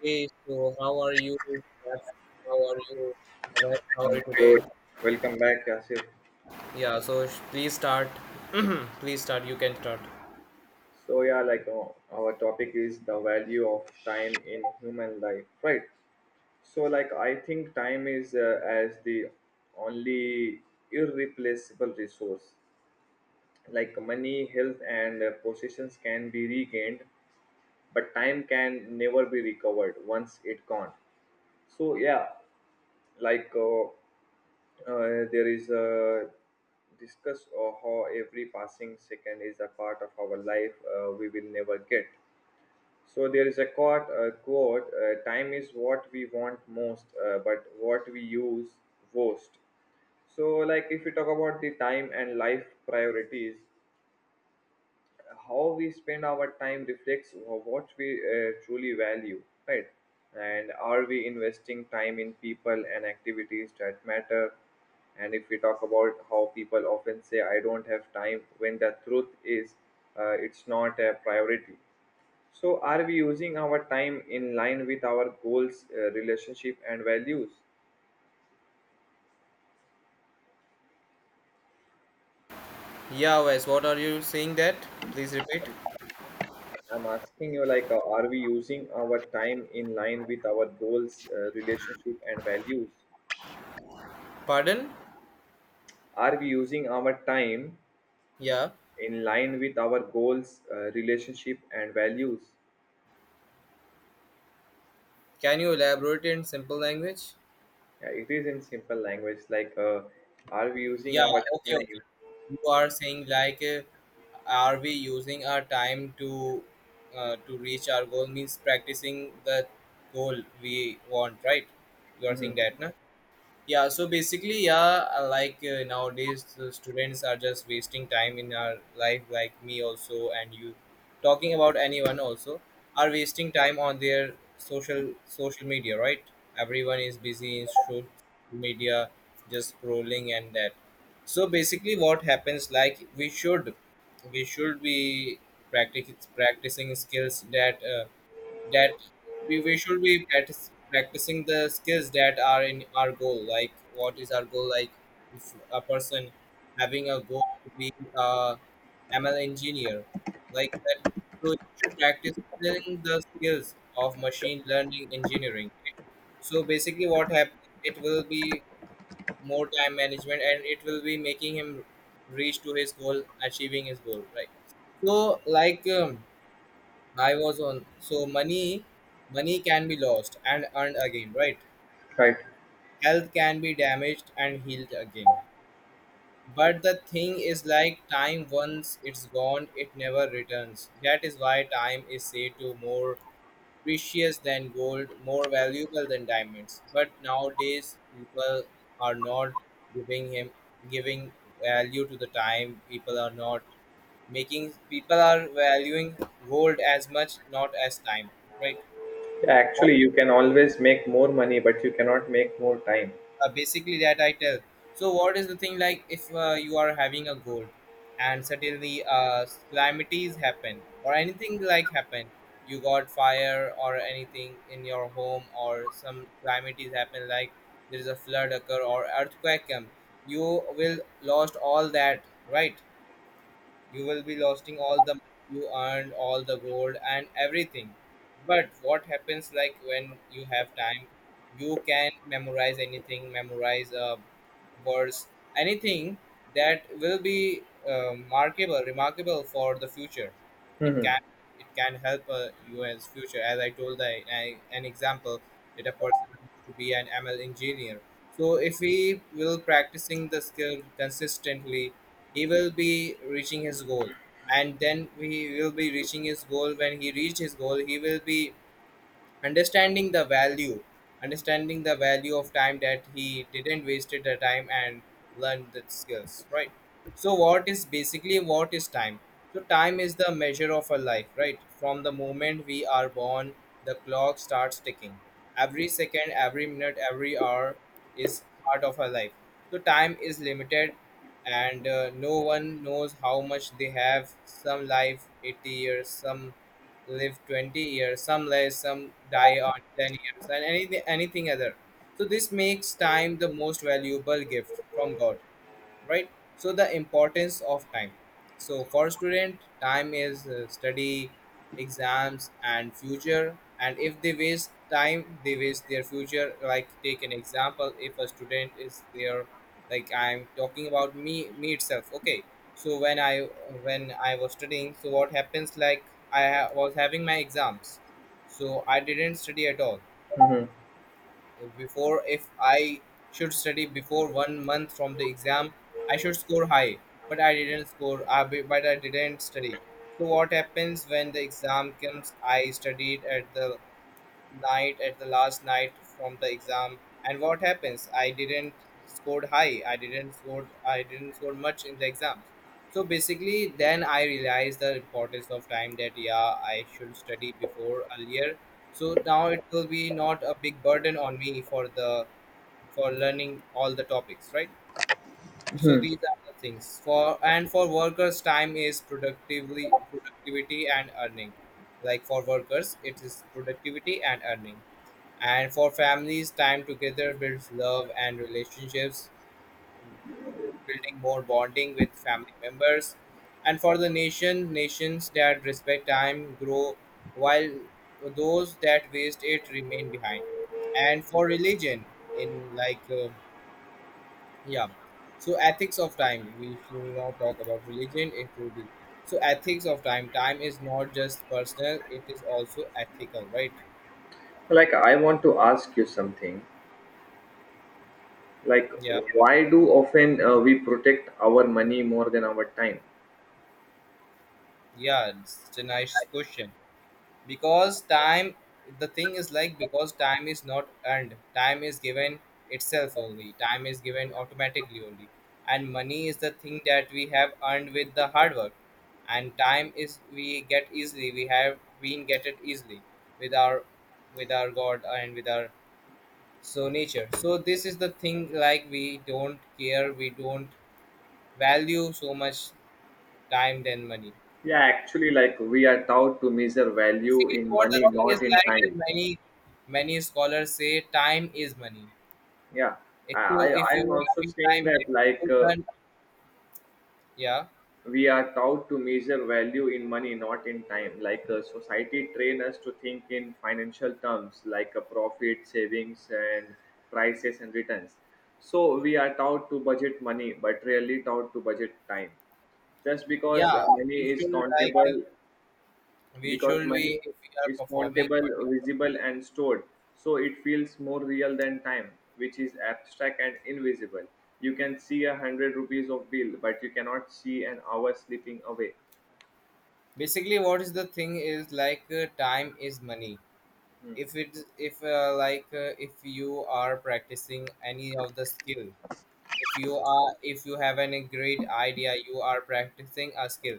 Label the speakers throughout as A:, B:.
A: Hey, so how are you? How are you? Alright, how are you
B: Yo,
A: today?
B: welcome back, Asif.
A: Please start. Please start. You can start.
B: So yeah, our topic is the value of time in human life, right? So like I think time is as the only irreplaceable resource. Like money, health, and possessions can be regained, but time can never be recovered once it gone. So yeah, like uh, there is a discuss of how every passing second is a part of our life we will never get. So there is a quote, time is what we want most but what we use worst. So like if we talk about the time and life priorities, how we spend our time reflects what we truly value, right? And are we investing time in people and activities that matter? And if we talk about how people often say I don't have time, when the truth is it's not a priority. So are we using our time in line with our goals, relationship and values?
A: Yeah, Wes, what are you saying that? Please repeat.
B: I'm asking you like are we using our time in line with our goals, relationship and values?
A: Pardon?
B: Are we using our time
A: Yeah.
B: in line with our goals, relationship, and values?
A: Can you elaborate in simple language?
B: Yeah, it is in simple language like, are we using
A: Yeah,
B: our
A: okay, okay.
B: time?
A: You are saying are we using our time to reach our goal, means practicing the goal we want, right? You are saying
B: Mhm.
A: that, na? Yeah, so basically, yeah, nowadays the students are just wasting time in our life, like me also, and you talking about anyone also are wasting time on their social media, right? Everyone is busy in social media, just scrolling and that. So basically what happens, like, we should be practice, practicing skills that we should be practice, practicing the skills that are in our goal. Like, what is our goal? Like, if a person having a goal to be a ML engineer, like that, so you should practice the skills of machine learning engineering, right? So basically what happens, it will be more time management and it will be making him reach to his goal, achieving his goal, right? So like I was on. So money, money can be lost and earned again, right?
B: Right.
A: Health can be damaged and healed again. But the thing is, like, time, once it's gone, it never returns. That is why time is said to more precious than gold, more valuable than diamonds. But nowadays, people are not giving him giving value to the time. People are not making. People are valuing gold as much, not as time, right?
B: Yeah, actually, you can always make more money, but you cannot make more time.
A: Basically that I tell. So what is the thing, like, if you are having a goal and suddenly calamities happen or anything like happen, you got fire or anything in your home, or some calamities happen, like, there is a flood occur or earthquake come, you will lost all that, right? You will be losing all the money you earned, all the gold, and everything. But what happens, like, when you have time, you can memorize anything, memorize words, anything that will be remarkable for the future. It
B: Mhm.
A: can it can help you as future. As I told, an example that a person wants to be an ML engineer. So if we will practicing the skill consistently, he will be reaching his goal. And then he will be reaching his goal when he reached his goal, he will be understanding the value understanding the value of time, that he didn't wasted the time and learned the skills, right? So what is time? So time is the measure of a life, right? From the moment we are born, the clock starts ticking. Every second, every minute, every hour is part of our life. So time is limited, and no one knows how much they have. Some life 80 years, some live 20 years, some less, some die on 10 years, and anything, anything other. So this makes time the most valuable gift from god, right? So the importance of time. So for student, time is study, exams, and future, and if they waste time, they waste their future. Like, take an example, if a student is there, like, I'm talking about me, me itself, okay? So when I was studying, so what happens, like, was having my exams, so I didn't study at all before. If I should study before 1 month from the exam, I should score high. But I didn't score. But I didn't study. So what happens when the exam comes? I studied at the night, at the last night from the exam. And what happens, I didn't scored, I didn't score much in the exams. So basically, then I realized the importance of time, that yeah, I should study before earlier, so now it will be not a big burden on me for learning all the topics, right? So these are the things. For workers, time is productively productivity and earning. Like, for workers, it is productivity and earning. And for families, time together builds love and relationships, building more bonding with family members. And for the nation, nations that respect time grow while those that waste it remain behind. And for religion, in like, yeah, so ethics of time, we should not talk about religion, it will be. So, ethics of time, time is not just personal, it is also ethical, right?
B: Like, I want to ask you something. Like,
A: Yeah,
B: why do often we protect our money more than our time?
A: yeah, it's a nice question. Because time, the thing is like, because time is not earned, time is given itself only, time is given automatically only. And money is the thing that we have earned with the hard work. And time is we get easily, we have been get it easily with our, with our god, and with our, so, nature. So this is the thing, like, we don't value so much time than money.
B: Yeah, actually, like we are taught to measure value
A: Basically,
B: in
A: what the
B: money,
A: thing is,
B: not in
A: like,
B: time.
A: many scholars say, time is money.
B: Yeah,
A: If you
B: I
A: if
B: I am
A: you
B: also
A: having
B: saying
A: time,
B: that like
A: you can, yeah,
B: we are taught to measure value in money, not in time. Like society train us to think in financial terms, like a profit, savings, and prices and returns. So we are taught to budget money, but rarely taught to budget time. Just
A: yeah. We should like, we
B: because
A: should, we,
B: money
A: if we are
B: is
A: performing
B: countable,
A: particular.
B: visible, and stored. So it feels more real than time, which is abstract and invisible. You can see a hundred rupees of bill, but you cannot see an hour slipping away.
A: Basically, what is the thing is, like, time is money.
B: Hmm.
A: If it if like If you are practicing any of the skill, if you have any great idea, you are practicing a skill,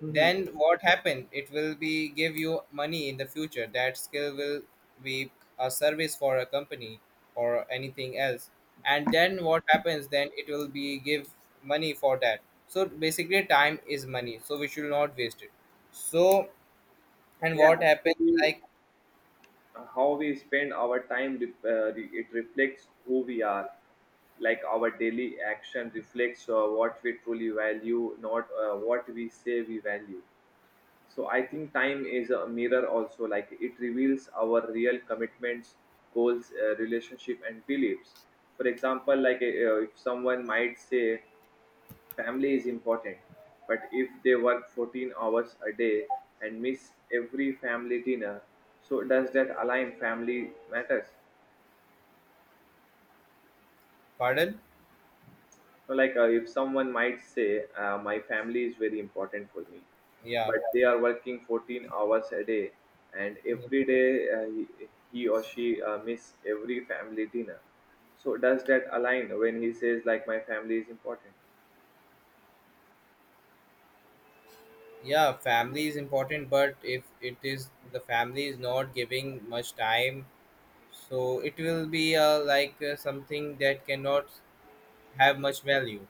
B: Mhm.
A: then what happened, it will be give you money in the future. That skill will be a service for a company or anything else, and then what happens, then it will be give money for that. So basically, time is money, so we should not waste it. So, and
B: Yeah,
A: what happens,
B: actually,
A: like,
B: how we spend our time, it reflects who we are. Like our daily action reflects what we truly value, not what we say we value. So I think time is a mirror also, like it reveals our real commitments, goals, relationship, and beliefs. For example, like if someone might say family is important, but if they work 14 hours a day and miss every family dinner, so does that align family matters?
A: pardon,
B: So, like if someone might say my family is very important for me,
A: yeah,
B: but they are working 14 hours a day, and every day he or she miss every family dinner. So does that align when he says like my family is important?
A: yeah, family is important, but if it is, the family is not giving much time, so it will be something that cannot have much value.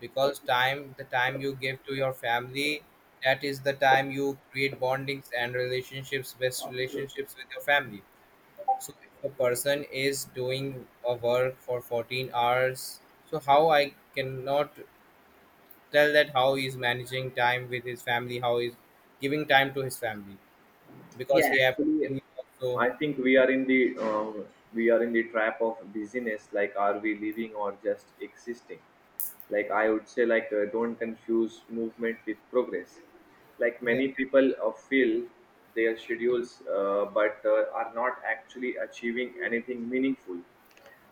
A: Because time, the time you give to your family, that is the time you create bondings and relationships, best relationships with your family. So if a person is doing a work for 14 hours, so how I cannot tell that how he's managing time with his family, how he's giving time to his family, because
B: Yeah,
A: he have.
B: actually,
A: So,
B: I think we are in the trap of busyness. Like, are we living or just existing? Like, I would say, like, don't confuse movement with progress. Like,
A: yeah,
B: many people fill their schedules, but are not actually achieving anything meaningful.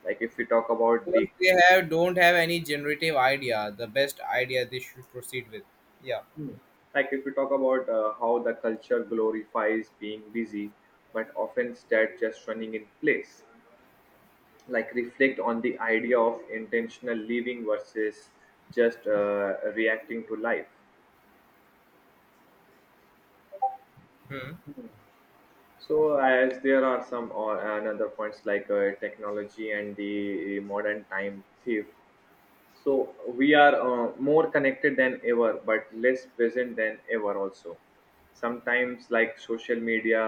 B: Like, if we talk about
A: because
B: the
A: they have don't have any generative idea, the best idea they should proceed with. Yeah.
B: like if we talk about how the culture glorifies being busy, but often that just running in place. Like reflect on the idea of intentional living versus just reacting to life.
A: Hmm.
B: So as there are some or another points like technology and the modern time thief. So we are more connected than ever, but less present than ever also. Sometimes, like social media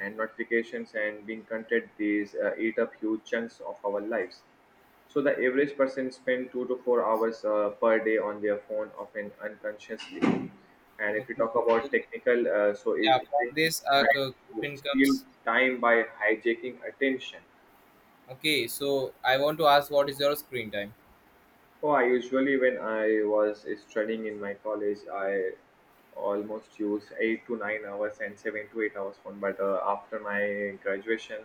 B: and notifications and being content, these eat up huge chunks of our lives. So the average person spend 2 to 4 hours per day on their phone, often unconsciously. And if you
A: Okay.
B: talk
A: So,
B: about technical, uh, so
A: yeah,
B: it,
A: from
B: it is
A: this
B: time to
A: coupon
B: steal
A: comes.
B: time by hijacking attention.
A: Okay, so I want to ask, what is your screen time?
B: Oh, I usually when I was studying in my college, I almost use 8 to 9 hours and 7 to 8 hours phone. But after my graduation,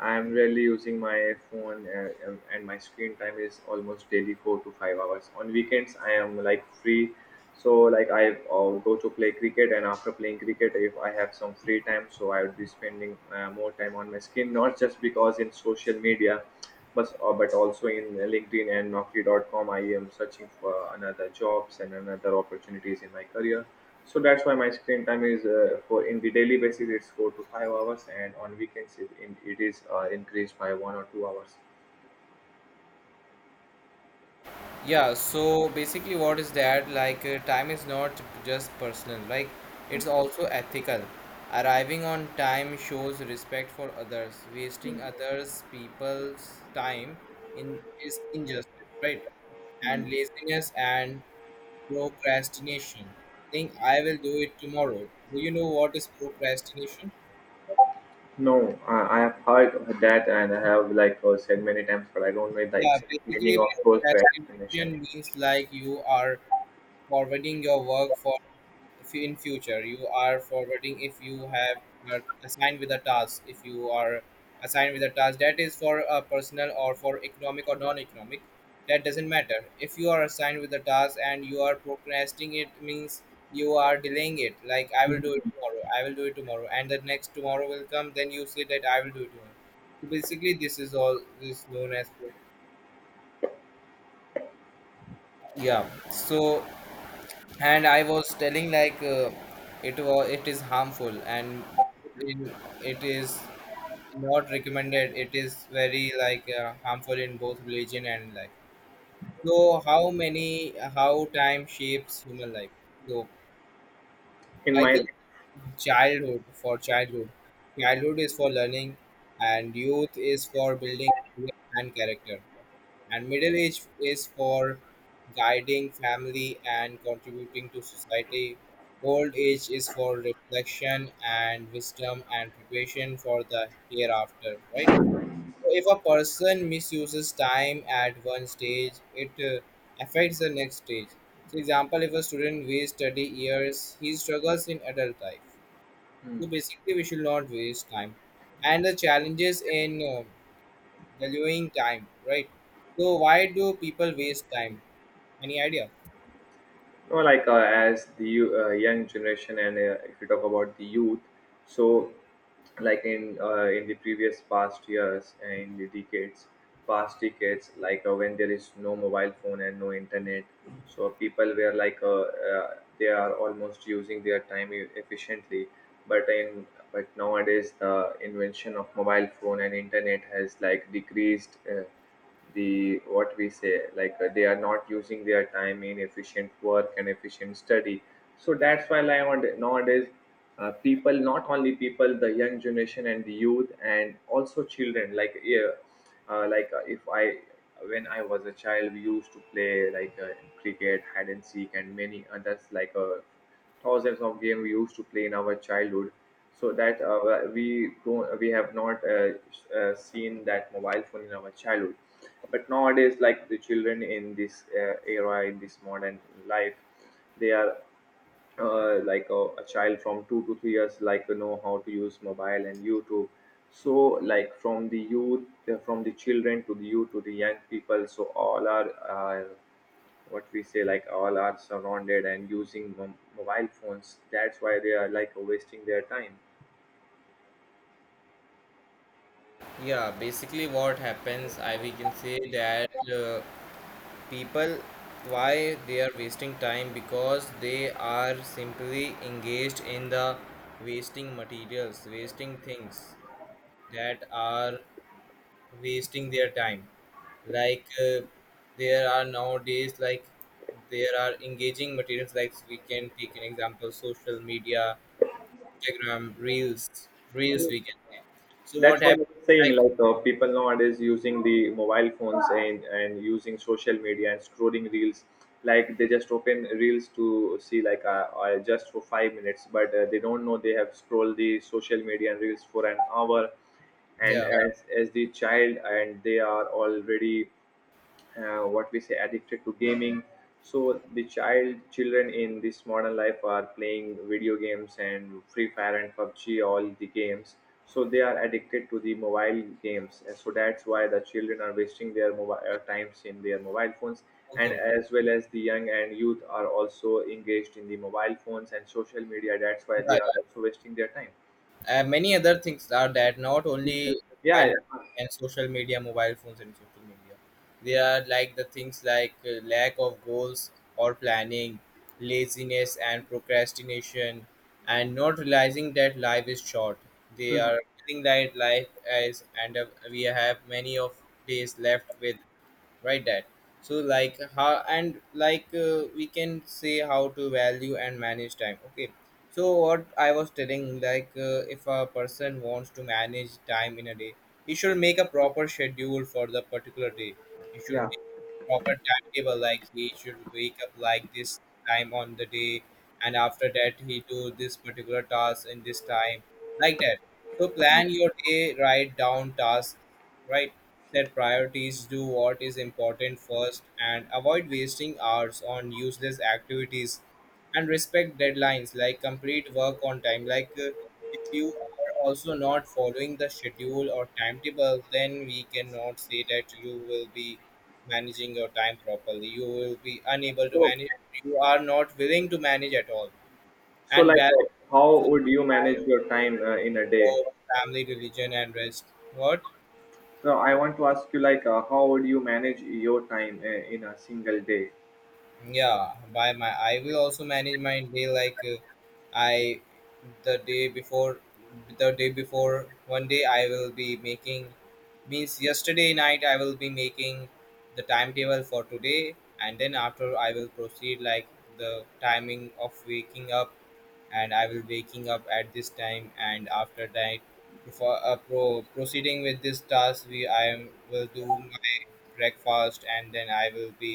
B: I am really using my phone, and my screen time is almost daily 4 to 5 hours. On weekends, I am like free, so like I go to play cricket, and after playing cricket, if I have some free time, so I would be spending more time on my screen, not just because in social media but also in LinkedIn and Naukri.com, I am searching for another jobs and another opportunities in my career. So that's why my screen time is for in the daily basis it's 4 to 5 hours, and on weekends it is increased by 1 or 2 hours.
A: Yeah, so basically, what is that? Like, time is not just personal, like, it's also ethical. Arriving on time shows respect for others. Wasting others' people's time in is injustice, right?
B: Hmm.
A: And laziness and procrastination. Think I will do it tomorrow. Do you know what is procrastination?
B: No, I have heard that, and I have like said many times, but I don't know the
A: Yeah,
B: exact meaning
A: basically
B: of those procrastination.
A: procrastination means, like, you are forwarding your work for if in future. You are forwarding, if you have, are assigned with a task. If you are assigned with a task, that is for a personal or for economic or non-economic, that doesn't matter. If you are assigned with a task and you are procrastinating, it means you are delaying it. Like, I will do it tomorrow, I will do it tomorrow, and the next tomorrow will come, then you say that I will do it tomorrow. So basically, this is all is known as procrastination. Yeah, so, and I was telling, like, it is harmful, in, it is not recommended, it is very, like, harmful in both religion and life. So how many how time shapes human life. So
B: In
A: I
B: my
A: think,
B: life,
A: childhood for childhood childhood is for learning, and youth is for building career and character. And middle age is for guiding family and contributing to society. Old age is for reflection and wisdom and preparation for the hereafter, right? So if a person misuses time at one stage, it affects the next stage. For example, if a student wastes study years, he struggles in adult life. So basically, we should not waste time. And the challenges in valuing time, right? So why do people waste time? Any idea?
B: no like young generation, and if you talk about the youth, so in the previous past years and in the decades past decades like when there is no mobile phone and no internet, so people were like uh, they are almost using their time efficiently. But in but nowadays the invention of mobile phone and internet has like decreased the what we say like they are not using their time in efficient work and efficient study. So that's why like nowadays people, not only people the young generation and the youth and also children like yeah, like if I when I was a child we used to play like cricket, hide and seek, and many others like thousands of games we used to play in our childhood. So that we have not seen that mobile phone in our childhood. But nowadays like the children in this era in this modern life, they are a child from 2 to 3 years like to know how to use mobile and YouTube. So like from the youth, from the children to the youth to the young people, so all are what we say like all are surrounded and using mobile phones, that's why they are like wasting their time.
A: Yeah, basically what happens, I we can say that people, why they are wasting time, because they are simply engaged in the wasting materials, wasting things that are wasting their time. Like, there are nowadays, like, there are engaging materials, like, we can take an example, social media, Instagram reels, reels we get. So what
B: That's what
A: happens?
B: I'm saying
A: Like,
B: like people nowadays using the mobile phones and using social media and scrolling reels. Like they just open reels to see like just for 5 minutes, but they don't know they have scrolled the social media and reels for an hour. and
A: yeah,
B: as as the child, and they are already what we say addicted to gaming. So the children in this modern life are playing video games and free fire and pubg, all the games. So they are addicted to the mobile games, and so that's why the children are wasting their mobile times in their mobile phones.
A: okay,
B: And
A: okay.
B: as well as the young and youth are also engaged in the mobile phones and social media, that's why they
A: Right.
B: are also wasting their time.
A: Many other things are that not only
B: Yeah,
A: mobile
B: yeah.
A: and social media, mobile phones and social media. They are like the things, like, lack of goals or planning, laziness and procrastination, and not realizing that life is short. They
B: Mhm.
A: are feeling that life as and we have many of days left with right that, so like how and like we can say how to value and manage time, okay. So what I was telling, like if a person wants to manage time in a day, he should make a proper schedule for the particular day. He should
B: Yeah.
A: make proper timetable, like he should wake up like this time on the day, and after that he do this particular task in this time, like that. So plan your day, write down tasks, right. Set priorities, do what is important first, and avoid wasting hours on useless activities. And respect deadlines, like complete work on time. Like if you are also not following the schedule or timetable, then we cannot say that you will be managing your time properly. You will be unable to
B: so
A: manage. You are not willing to manage at all.
B: so
A: And
B: like uh,
A: balance
B: how
A: of
B: would you manage your time in a day?
A: work, family, religion, and rest. What?
B: So I want to ask you, like, how would you manage your time in a single day?
A: Yeah, by my I will also manage my day, like I the day before the day before one day I will be making, means yesterday night I will be making the timetable for today. And then after I will proceed, like the timing of waking up, and I will waking up at this time, and after that before proceeding with this task, we I am, will do breakfast, and then I will be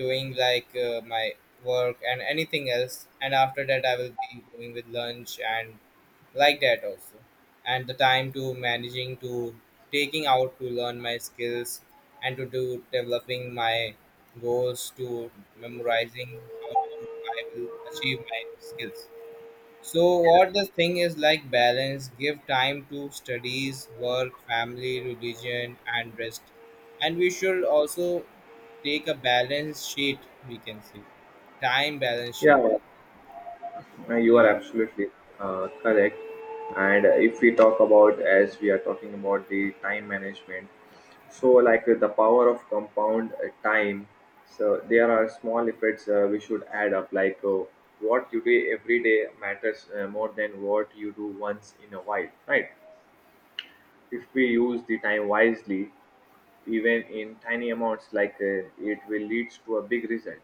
A: doing like my work and anything else, and after that I will be going with lunch, and like that also. And the time to managing to taking out to learn my skills, and to do developing my goals, to memorizing how to I will achieve my skills. So what the thing is like, balance, give time to studies, work, family, religion and rest. And we should also take a balance sheet, we can say. Time balance sheet.
B: Yeah, you are
A: Yeah.
B: absolutely correct. And if we talk about, as we are talking about the time management, so like the power of compound time. So there are small efforts we should add up, like what you do every day matters more than what you do once in a while, right? If we use the time wisely, even in tiny amounts like it will lead to a big result.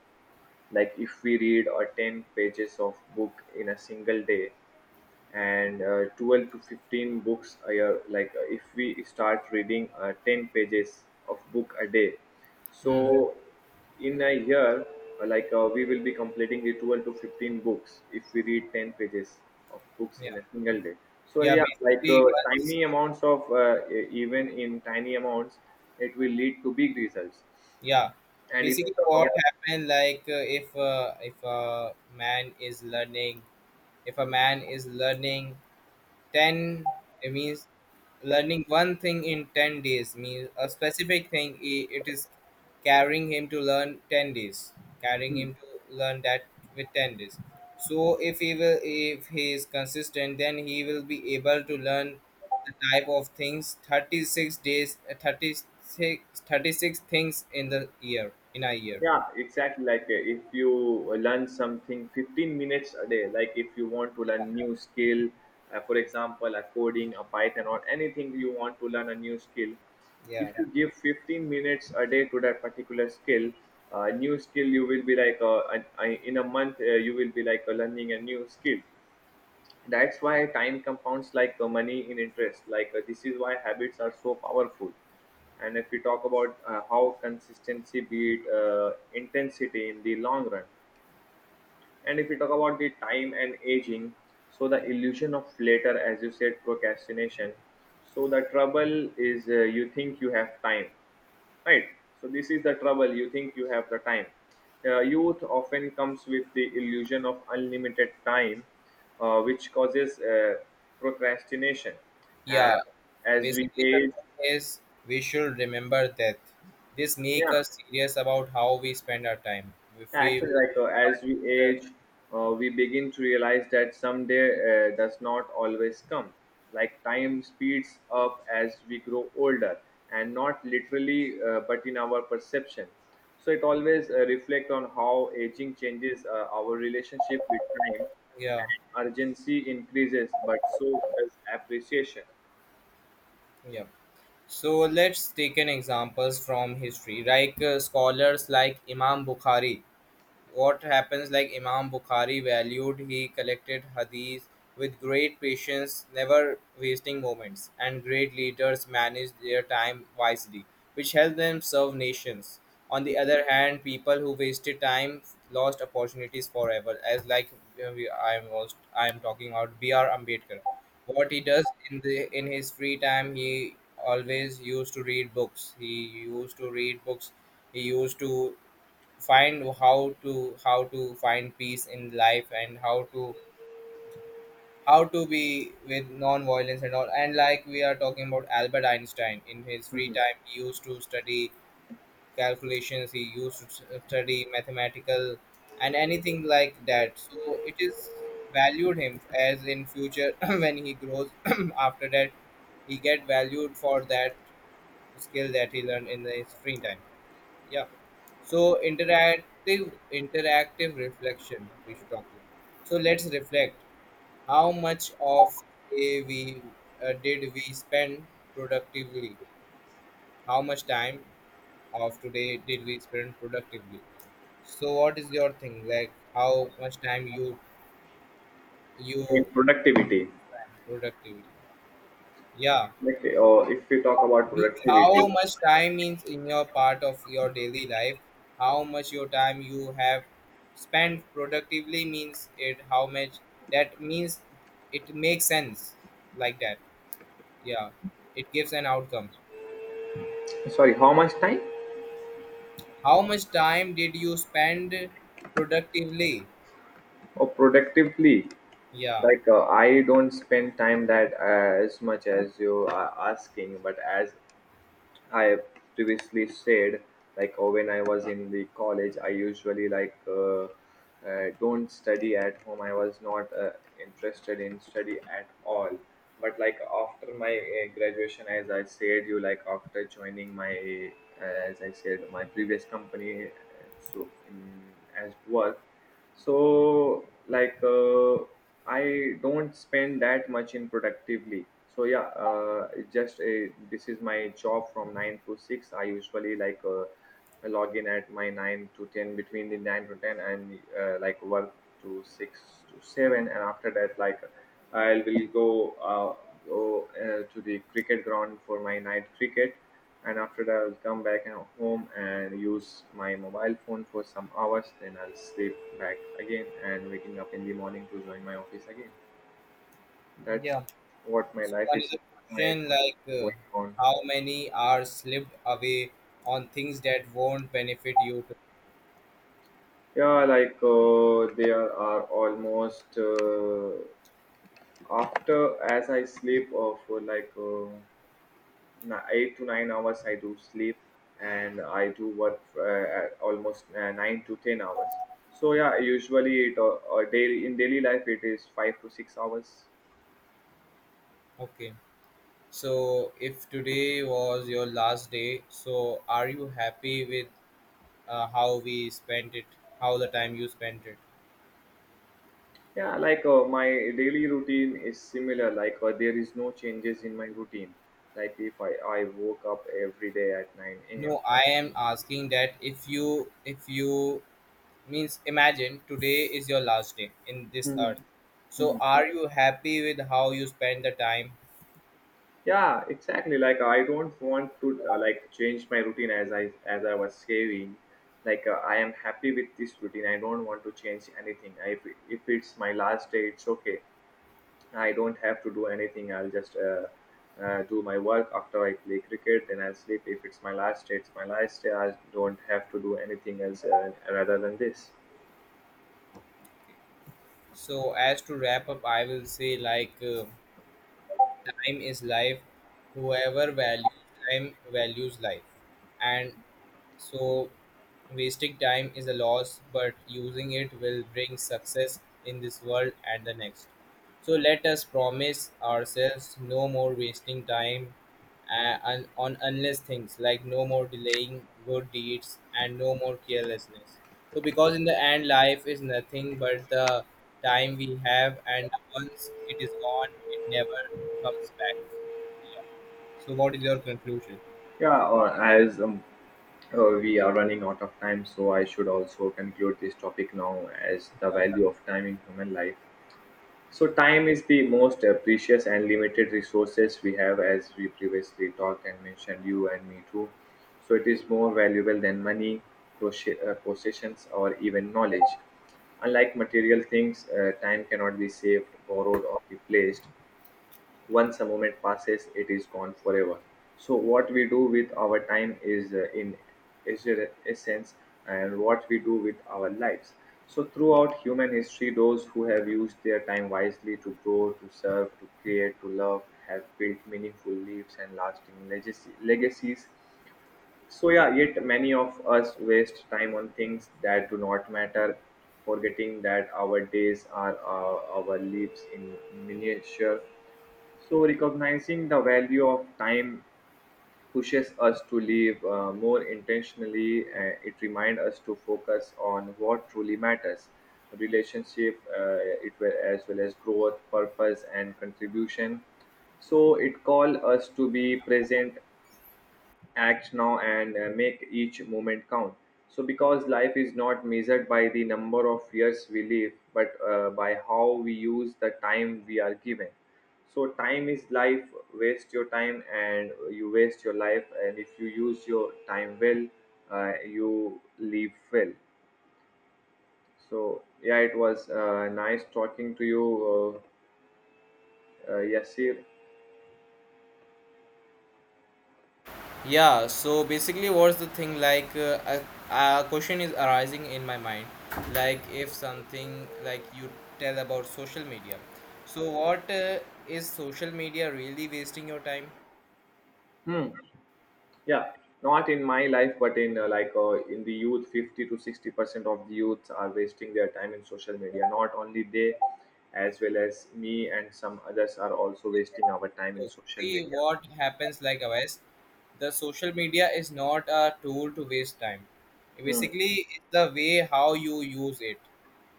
B: Like if we read or 10 pages of book in a single day and 12 to 15 books a year. Like if we start reading 10 pages of book a day, so
A: Hmm.
B: in a year we will be completing the 12 to 15 books if we read 10 pages of books
A: Yeah.
B: in a single day. So
A: Yeah,
B: yeah, like
A: basically once,
B: tiny amounts of even in tiny amounts it will lead to big results.
A: yeah.
B: And if you
A: Basically
B: talk
A: what
B: about.
A: happened, like if a man is learning if a man is learning 10, it means learning one thing in 10 days means a specific thing, it is carrying him to learn 10 days, carrying him to learn that with 10 days. So if he is consistent, then he will be able to learn the type of things 36 days, 36, thirty-six things in the year, in a year.
B: Yeah, exactly. Like if you learn something 15 minutes a day, like if you want to learn new skill, for example a coding a python or anything you want to learn a new skill. If
A: Yeah.
B: you give 15 minutes a day to that particular skill, new skill, you will be like in a month, you will be like learning a new skill. That's why time compounds like money in interest. Like this is why habits are so powerful. And if we talk about how consistency beat intensity in the long run. And if we talk about the time and aging, so the illusion of later, as you said, procrastination. So the trouble is, you think you have time, right? So this is the trouble, you think you have the time. Youth often comes with the illusion of unlimited time, which causes procrastination.
A: Yeah,
B: And as we
A: basically the
B: age,
A: thing is we should remember that this make
B: yeah.
A: us serious about how we spend our time. If we
B: Actually,
A: will.
B: like as we age, we begin to realize that someday does not always come. Like time speeds up as we grow older, and not literally, but in our perception. So it always reflect on how aging changes our relationship with time,
A: Yeah,
B: and urgency increases, but so does appreciation
A: yeah. So let's take an examples from history, like scholars like Imam Bukhari. What happens like Imam Bukhari valued, he collected hadith with great patience, never wasting moments, and great leaders managed their time wisely, which helped them serve nations. On the other hand, people who wasted time lost opportunities forever. As like we, I am was I am talking about BR Ambedkar, what he does in the in his free time, he always used to read books, he used to read books, he used to find how to find peace in life, and how to be with non-violence and all. And like we are talking about Albert Einstein, in his free time he used to study calculations, he used to study mathematical and anything like that, so it is valued him as in future when he grows after that he get valued for that skill that he learned in his free time. Yeah. So interactive reflection we should talk about. So let's reflect, how much of day we did we spend productively? How much time of today did we spend productively? So what is your thing like? How much time you
B: and
A: you
B: productivity.
A: productivity? Yeah.
B: Like, if we talk about
A: Means
B: productivity,
A: how much time, means in your part of your daily life, how much your time you have spent productively, means it how much, that means, it makes sense, like that, yeah, it gives an outcome.
B: sorry, how much time
A: How much time did you spend productively?
B: or productively?
A: Yeah.
B: Like I don't spend time that as much as you are asking, but as I previously said, like when I was in the college, I usually like don't study at home. I was not interested in study at all. But like after my graduation, as I said you, like after joining my, as I said, my previous company, so in, as work, so like I don't spend that much in productively. So yeah, this is my job from 9 to 6. I usually like I log in at my 9 to 10, between the 9 to 10, and like work to 6 to 7. And after that like I will go uh, go to the cricket ground for my night cricket. And after that I'll come back and home and use my mobile phone for some hours. Then I'll sleep back again and waking up in the morning to join my office again. That's
A: Yeah.
B: what my
A: So
B: life is,
A: another
B: my
A: question, like
B: going on.
A: how many are slipped away on things that won't benefit you to,
B: Yeah, like there are almost after as I sleep for like. 8 to 9 hours I do sleep, and I do work at almost 9 to 10 hours. So yeah, usually it daily in daily life it is 5 to 6 hours.
A: okay. So if today was your last day, so are you happy with how we spent it? How the time you spent it?
B: Yeah, like my daily routine is similar. Like there is no changes in my routine. Like if I woke up every day at 9 a.m.
A: No, I am asking that if you means imagine today is your last day in this
B: Mhm.
A: earth. So,
B: Mhm.
A: are you happy with how you spend the time?
B: Yeah, exactly, like I don't want to like change my routine. As I was saying, like I am happy with this routine. I don't want to change anything. I, if it's my last day, it's okay. I don't have to do anything. I'll just do my work. After I play cricket, then I'll sleep. If it's my last day, it's my last day. I don't have to do anything else rather than this.
A: So as to wrap up, I will say like time is life. Whoever values time values life, and so wasting time is a loss, but using it will bring success in this world and the next. So let us promise ourselves no more wasting time on unless things, like no more delaying good deeds and no more carelessness. So because in the end, life is nothing but the time we have, and once it is gone, it never comes back. Yeah. So what is your conclusion?
B: Yeah, or as we are running out of time, so I should also conclude this topic now as the
A: Uh,
B: value of time in human life. So, time is the most precious and limited resources we have, as we previously talked and mentioned, you and me too. So, it is more valuable than money, possessions, or even knowledge. Unlike material things, time cannot be saved, borrowed, or replaced. Once a moment passes, it is gone forever. So what we do with our time is in essence, and what we do with our lives. So throughout human history, those who have used their time wisely, to grow, to serve, to create, to love, have built meaningful lives and lasting legacies. So yeah, yet many of us waste time on things that do not matter, forgetting that our days are, our lives in miniature. So, recognizing the value of time pushes us to live more intentionally. It reminds us to focus on what truly matters: relationship, it will, as well as growth, purpose, and contribution. So, it calls us to be present, act now, and make each moment count. So because life is not measured by the number of years we live, but by how we use the time we are given. So time is life. Waste your time and you waste your life, and if you use your time well, you live well. So yeah, it was nice talking to you, Yasir.
A: Yeah, so basically, what's the thing like? A question is arising in my mind, like if something like you tell about social media. So what is social media really wasting your time?
B: Hmm. Yeah. Not in my life, but in like in the youth, 50 to 60% of the youths are wasting their time in social media. Not only they, as well as me and some others are also wasting our time in social
A: See
B: media.
A: what happens, like Avais, the social media is not a tool to waste time.
B: Hmm.
A: Basically, it's the way how you use it.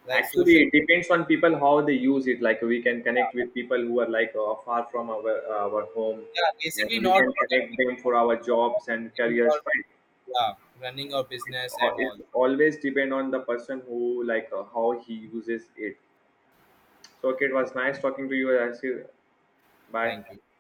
A: Like
B: Actually
A: social
B: it
A: media,
B: depends on people how they use it. Like we can connect with people who are like far from our home,
A: basically
B: and you
A: not
B: can
A: for
B: connect
A: conducting
B: them for our jobs and
A: your,
B: careers, right?
A: yeah, running your
B: it's,
A: business
B: al-
A: and all.
B: it's always depend on the person who like how he uses it. So, okay, it was nice talking to you. I see. Bye.
A: Thank you.